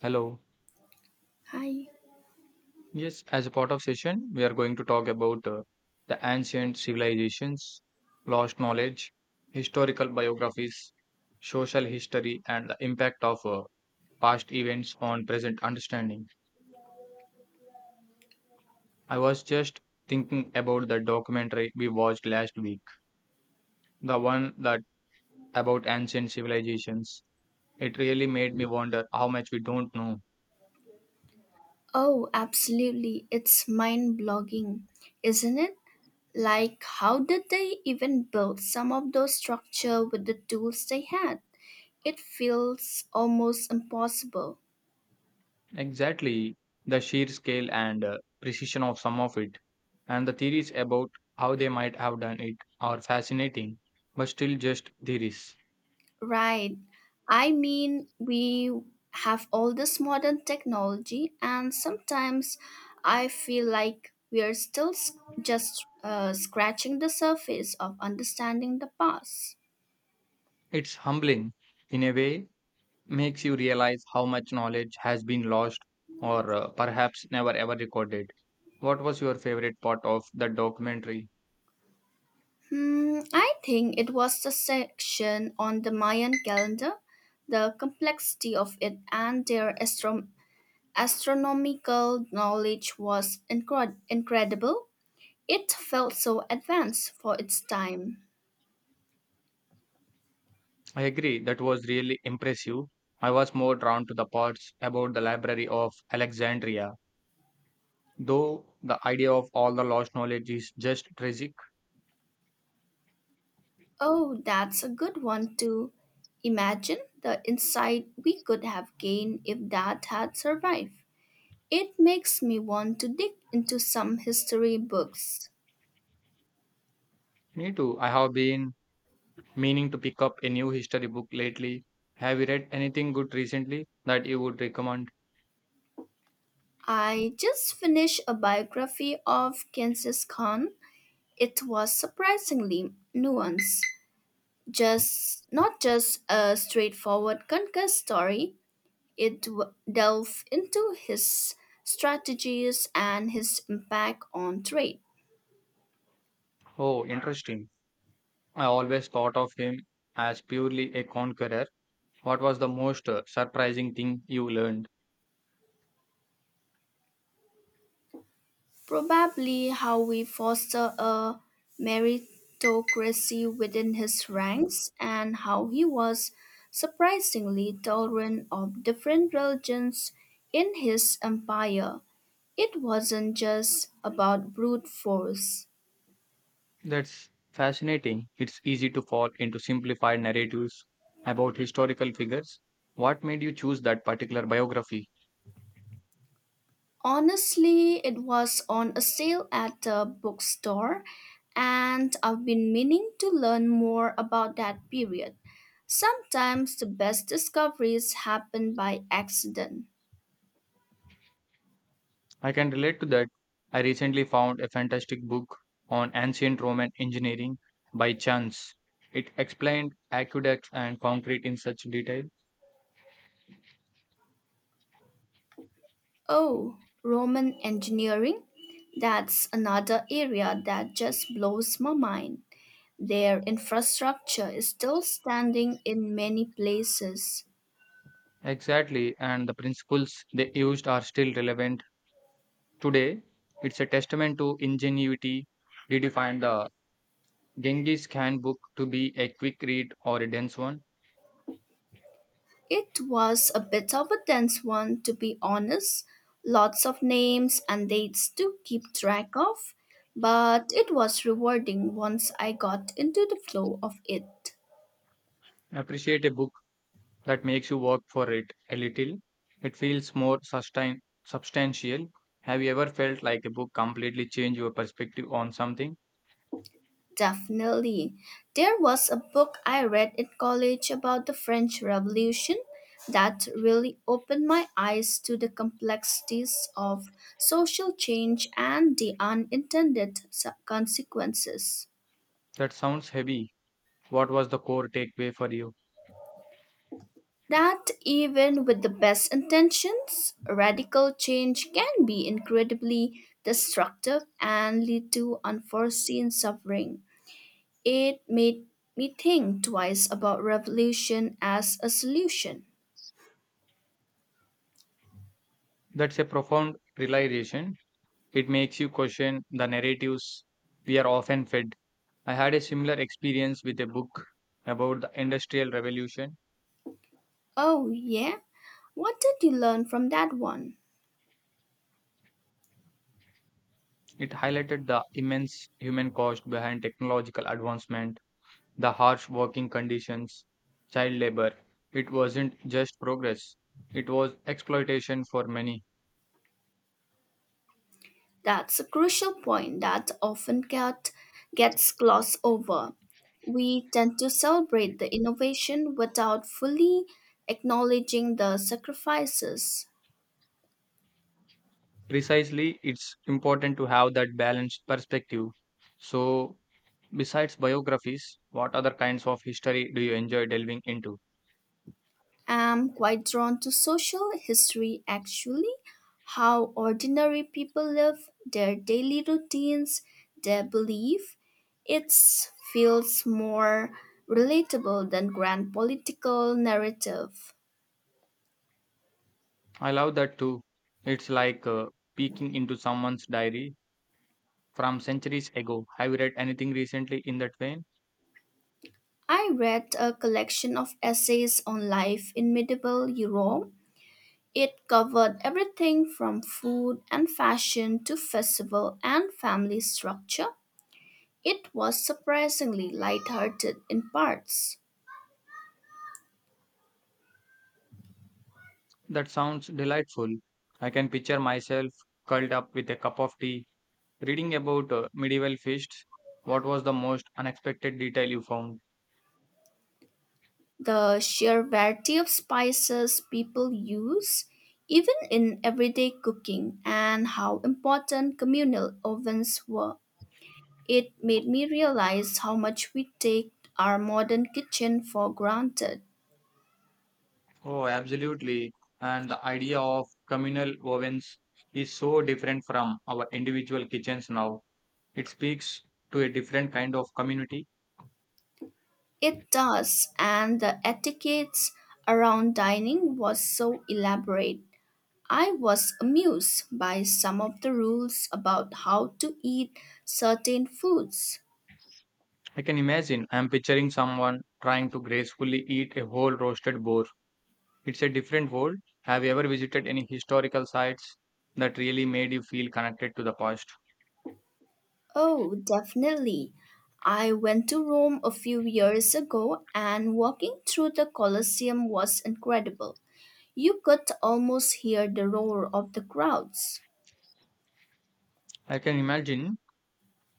Hello. Hi. Yes, as a part of session, we are going to talk about the ancient civilizations, lost knowledge, historical biographies, social history, and the impact of past events on present understanding. I was just thinking about the documentary we watched last week, the one that about ancient civilizations. It really made me wonder how much we don't know. Oh, absolutely. It's mind blogging, isn't it? Like, how did they even build some of those structures with the tools they had? It feels almost impossible. Exactly, the sheer scale and precision of some of it, and the theories about how they might have done it are fascinating, but still just theories. Right. I mean, we have all this modern technology, and sometimes I feel like we're just scratching the surface of understanding the past. It's humbling, in a way, makes you realize how much knowledge has been lost or perhaps never ever recorded. What was your favorite part of the documentary? I think it was the section on the Mayan calendar, the complexity of it, and their astronomical knowledge was incredible. It felt so advanced for its time. I agree, that was really impressive. I was more drawn to the parts about the Library of Alexandria, though the idea of all the lost knowledge is just tragic. Oh, that's a good one too. Imagine the insight we could have gained if that had survived. It makes me want to dig into some history books. Me too. I have been meaning to pick up a new history book lately. Have you read anything good recently that you would recommend? I just finished a biography of Genghis Khan. It was surprisingly nuanced, just not just a straightforward conquest story. Delved into his strategies and his impact on trade. Oh, interesting. I always thought of him as purely a conqueror. What was the most surprising thing you learned? Probably how we foster a meritocracy within his ranks and how he was surprisingly tolerant of different religions in his empire. It wasn't just about brute force. That's fascinating. It's easy to fall into simplified narratives about historical figures. What made you choose that particular biography? Honestly, it was on a sale at the bookstore, and I've been meaning to learn more about that period. Sometimes the best discoveries happen by accident. I can relate to that. I recently found a fantastic book on ancient Roman engineering by chance. It explained aqueducts and concrete in such detail. Oh, Roman engineering? That's another area that just blows my mind. Their infrastructure is still standing in many places. Exactly, and the principles they used are still relevant today. It's a testament to ingenuity. Did you find the Genghis Khan book to be a quick read or a dense one? It was a bit of a dense one, to be honest. Lots of names and dates to keep track of, but it was rewarding once I got into the flow of it. Appreciate a book that makes you work for it a little. It feels more substantial. Have you ever felt like a book completely changed your perspective on something? Definitely. There was a book I read in college about the French Revolution that really opened my eyes to the complexities of social change and the unintended consequences. That sounds heavy. What was the core takeaway for you? That even with the best intentions, radical change can be incredibly destructive and lead to unforeseen suffering. It made me think twice about revolution as a solution. That's a profound realization. It makes you question the narratives we are often fed. I had a similar experience with a book about the Industrial Revolution. Oh, yeah? What did you learn from that one? It highlighted the immense human cost behind technological advancement, the harsh working conditions, child labor. It wasn't just progress, it was exploitation for many. That's a crucial point that gets glossed over. We tend to celebrate the innovation without fully acknowledging the sacrifices. Precisely, it's important to have that balanced perspective. So, besides biographies, what other kinds of history do you enjoy delving into? Am quite drawn to social history actually, how ordinary people live, their daily routines, their belief. It feels more relatable than grand political narrative. I love that too. It's like peeking into someone's diary from centuries ago. Have you read anything recently in that vein? I read a collection of essays on life in medieval Europe. It covered everything from food and fashion to festival and family structure. It was surprisingly lighthearted in parts. That sounds delightful. I can picture myself curled up with a cup of tea reading about medieval feasts. What was the most unexpected detail you found? The sheer variety of spices people use, even in everyday cooking, and how important communal ovens were. It made me realize how much we take our modern kitchen for granted. Oh, absolutely. And the idea of communal ovens is so different from our individual kitchens now. It speaks to a different kind of community. It does, and the etiquettes around dining was so elaborate. I was amused by some of the rules about how to eat certain foods. I can imagine. I'm picturing someone trying to gracefully eat a whole roasted boar. It's a different world. Have you ever visited any historical sites that really made you feel connected to the past? Oh, definitely. I went to Rome a few years ago and walking through the Colosseum was incredible. You could almost hear the roar of the crowds. I can imagine.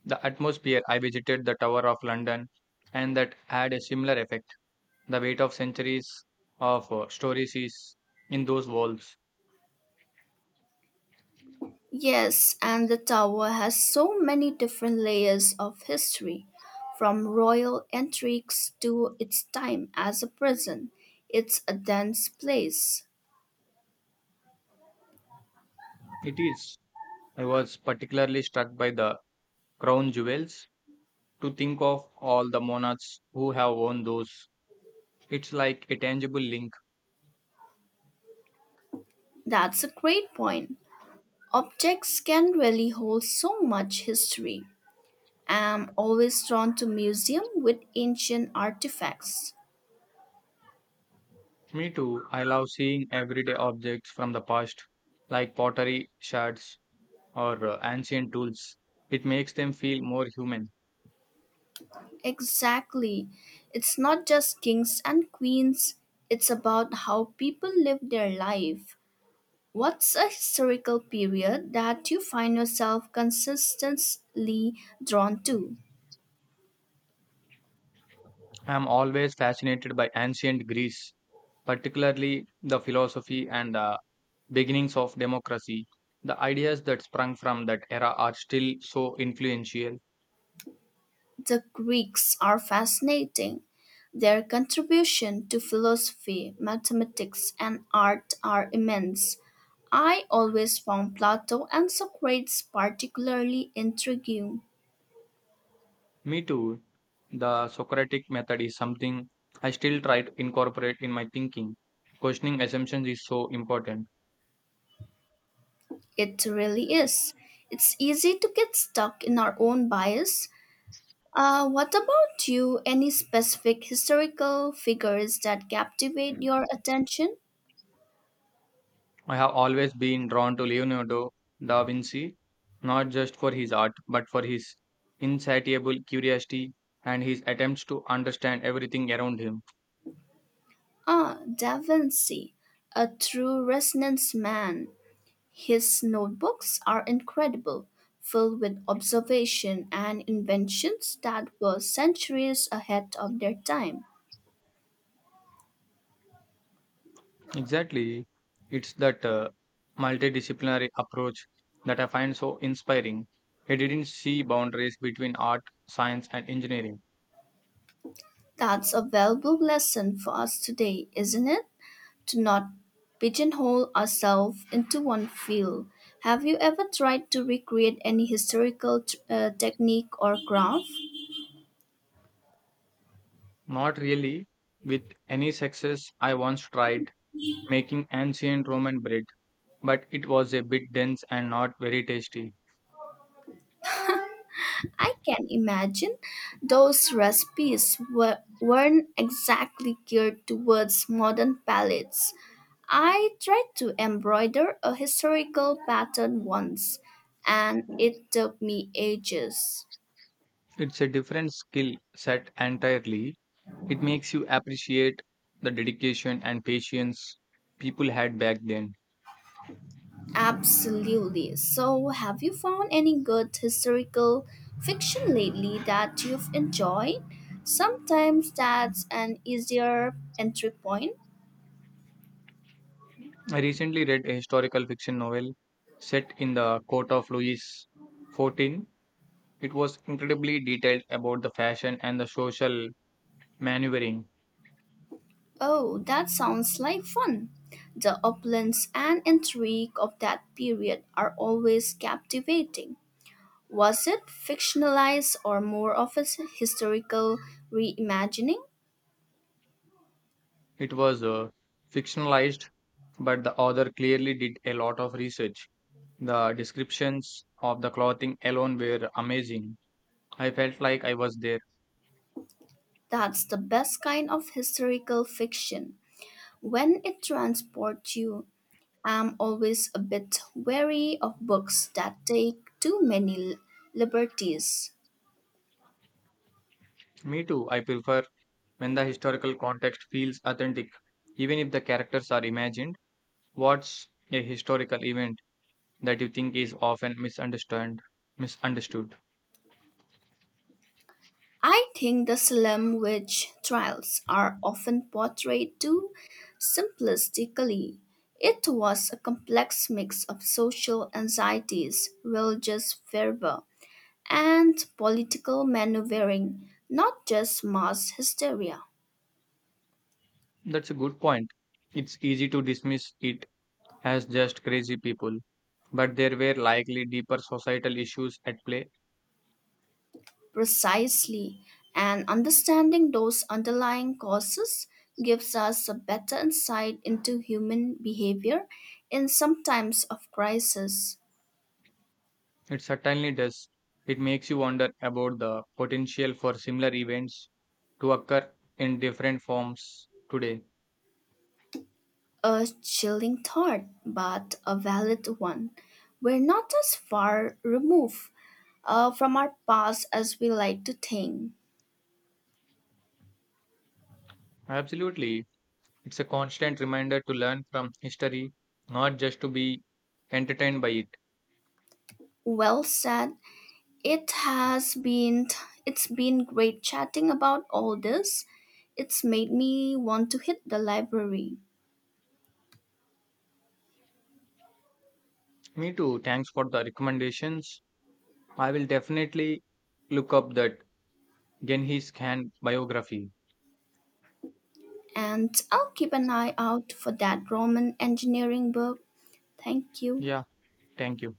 The atmosphere. I visited the Tower of London and that had a similar effect. The weight of centuries of stories is in those walls. Yes, and the tower has so many different layers of history, from royal intrigues to its time as a prison. It's a dense place. It is. I was particularly struck by the crown jewels. To think of all the monarchs who have worn those, it's like a tangible link. That's a great point. Objects can really hold so much history. I am always drawn to museum with ancient artifacts. Me too. I love seeing everyday objects from the past, like pottery shards or ancient tools. It makes them feel more human. Exactly. It's not just kings and queens, it's about how people live their life. What's a historical period that you find yourself consistently drawn to? I am always fascinated by ancient Greece, particularly the philosophy and the beginnings of democracy. The ideas that sprung from that era are still so influential. The Greeks are fascinating. Their contribution to philosophy, mathematics, and art are immense. I always found Plato and Socrates particularly intriguing. Me too. The Socratic method is something I still try to incorporate in my thinking. Questioning assumptions is so important. It really is. It's easy to get stuck in our own bias. What about you? Any specific historical figures that captivate Mm. your attention? I have always been drawn to Leonardo da Vinci, not just for his art, but for his insatiable curiosity and his attempts to understand everything around him. Ah, Da Vinci, a true Renaissance man. His notebooks are incredible, filled with observation and inventions that were centuries ahead of their time. Exactly. It's that multidisciplinary approach that I find so inspiring. He didn't see boundaries between art, science, and engineering. That's a valuable lesson for us today, isn't it? To not pigeonhole ourselves into one field. Have you ever tried to recreate any historical technique or craft? Not really. With any success, I once tried making ancient Roman bread, but it was a bit dense and not very tasty. I can imagine those weren't exactly geared towards modern palates. I tried to embroider a historical pattern once, and it took me ages. It's a different skill set entirely. It makes you appreciate the dedication and patience people had back then. Absolutely. So, have you found any good historical fiction lately that you've enjoyed? Sometimes that's an easier entry point. I recently read a historical fiction novel set in the court of Louis XIV. It was incredibly detailed about the fashion and the social maneuvering. Oh, that sounds like fun. The opulence and intrigue of that period are always captivating. Was it fictionalized or more of a historical reimagining? It was fictionalized, but the author clearly did a lot of research. The descriptions of the clothing alone were amazing. I felt like I was there. That's the best kind of historical fiction. When it transports you, I'm always a bit wary of books that take too many liberties. Me too, I prefer when the historical context feels authentic, even if the characters are imagined. What's a historical event that you think is often misunderstood? I think the Salem witch trials are often portrayed too simplistically. It was a complex mix of social anxieties, religious fervor, and political maneuvering, not just mass hysteria. That's a good point. It's easy to dismiss it as just crazy people, but there were likely deeper societal issues at play. Precisely, and understanding those underlying causes gives us a better insight into human behavior in some times of crisis. It certainly does. It makes you wonder about the potential for similar events to occur in different forms today. A chilling thought, but a valid one. We're not as far removed from our past as we like to think. Absolutely, it's a constant reminder to learn from history, not just to be entertained by it. Well said. It has been. It's been great chatting about all this. It's made me want to hit the library, Me too, thanks for the recommendations. I will definitely look up that Genghis Khan biography. and I'll keep an eye out for that Roman engineering book. Thank you. Yeah, thank you.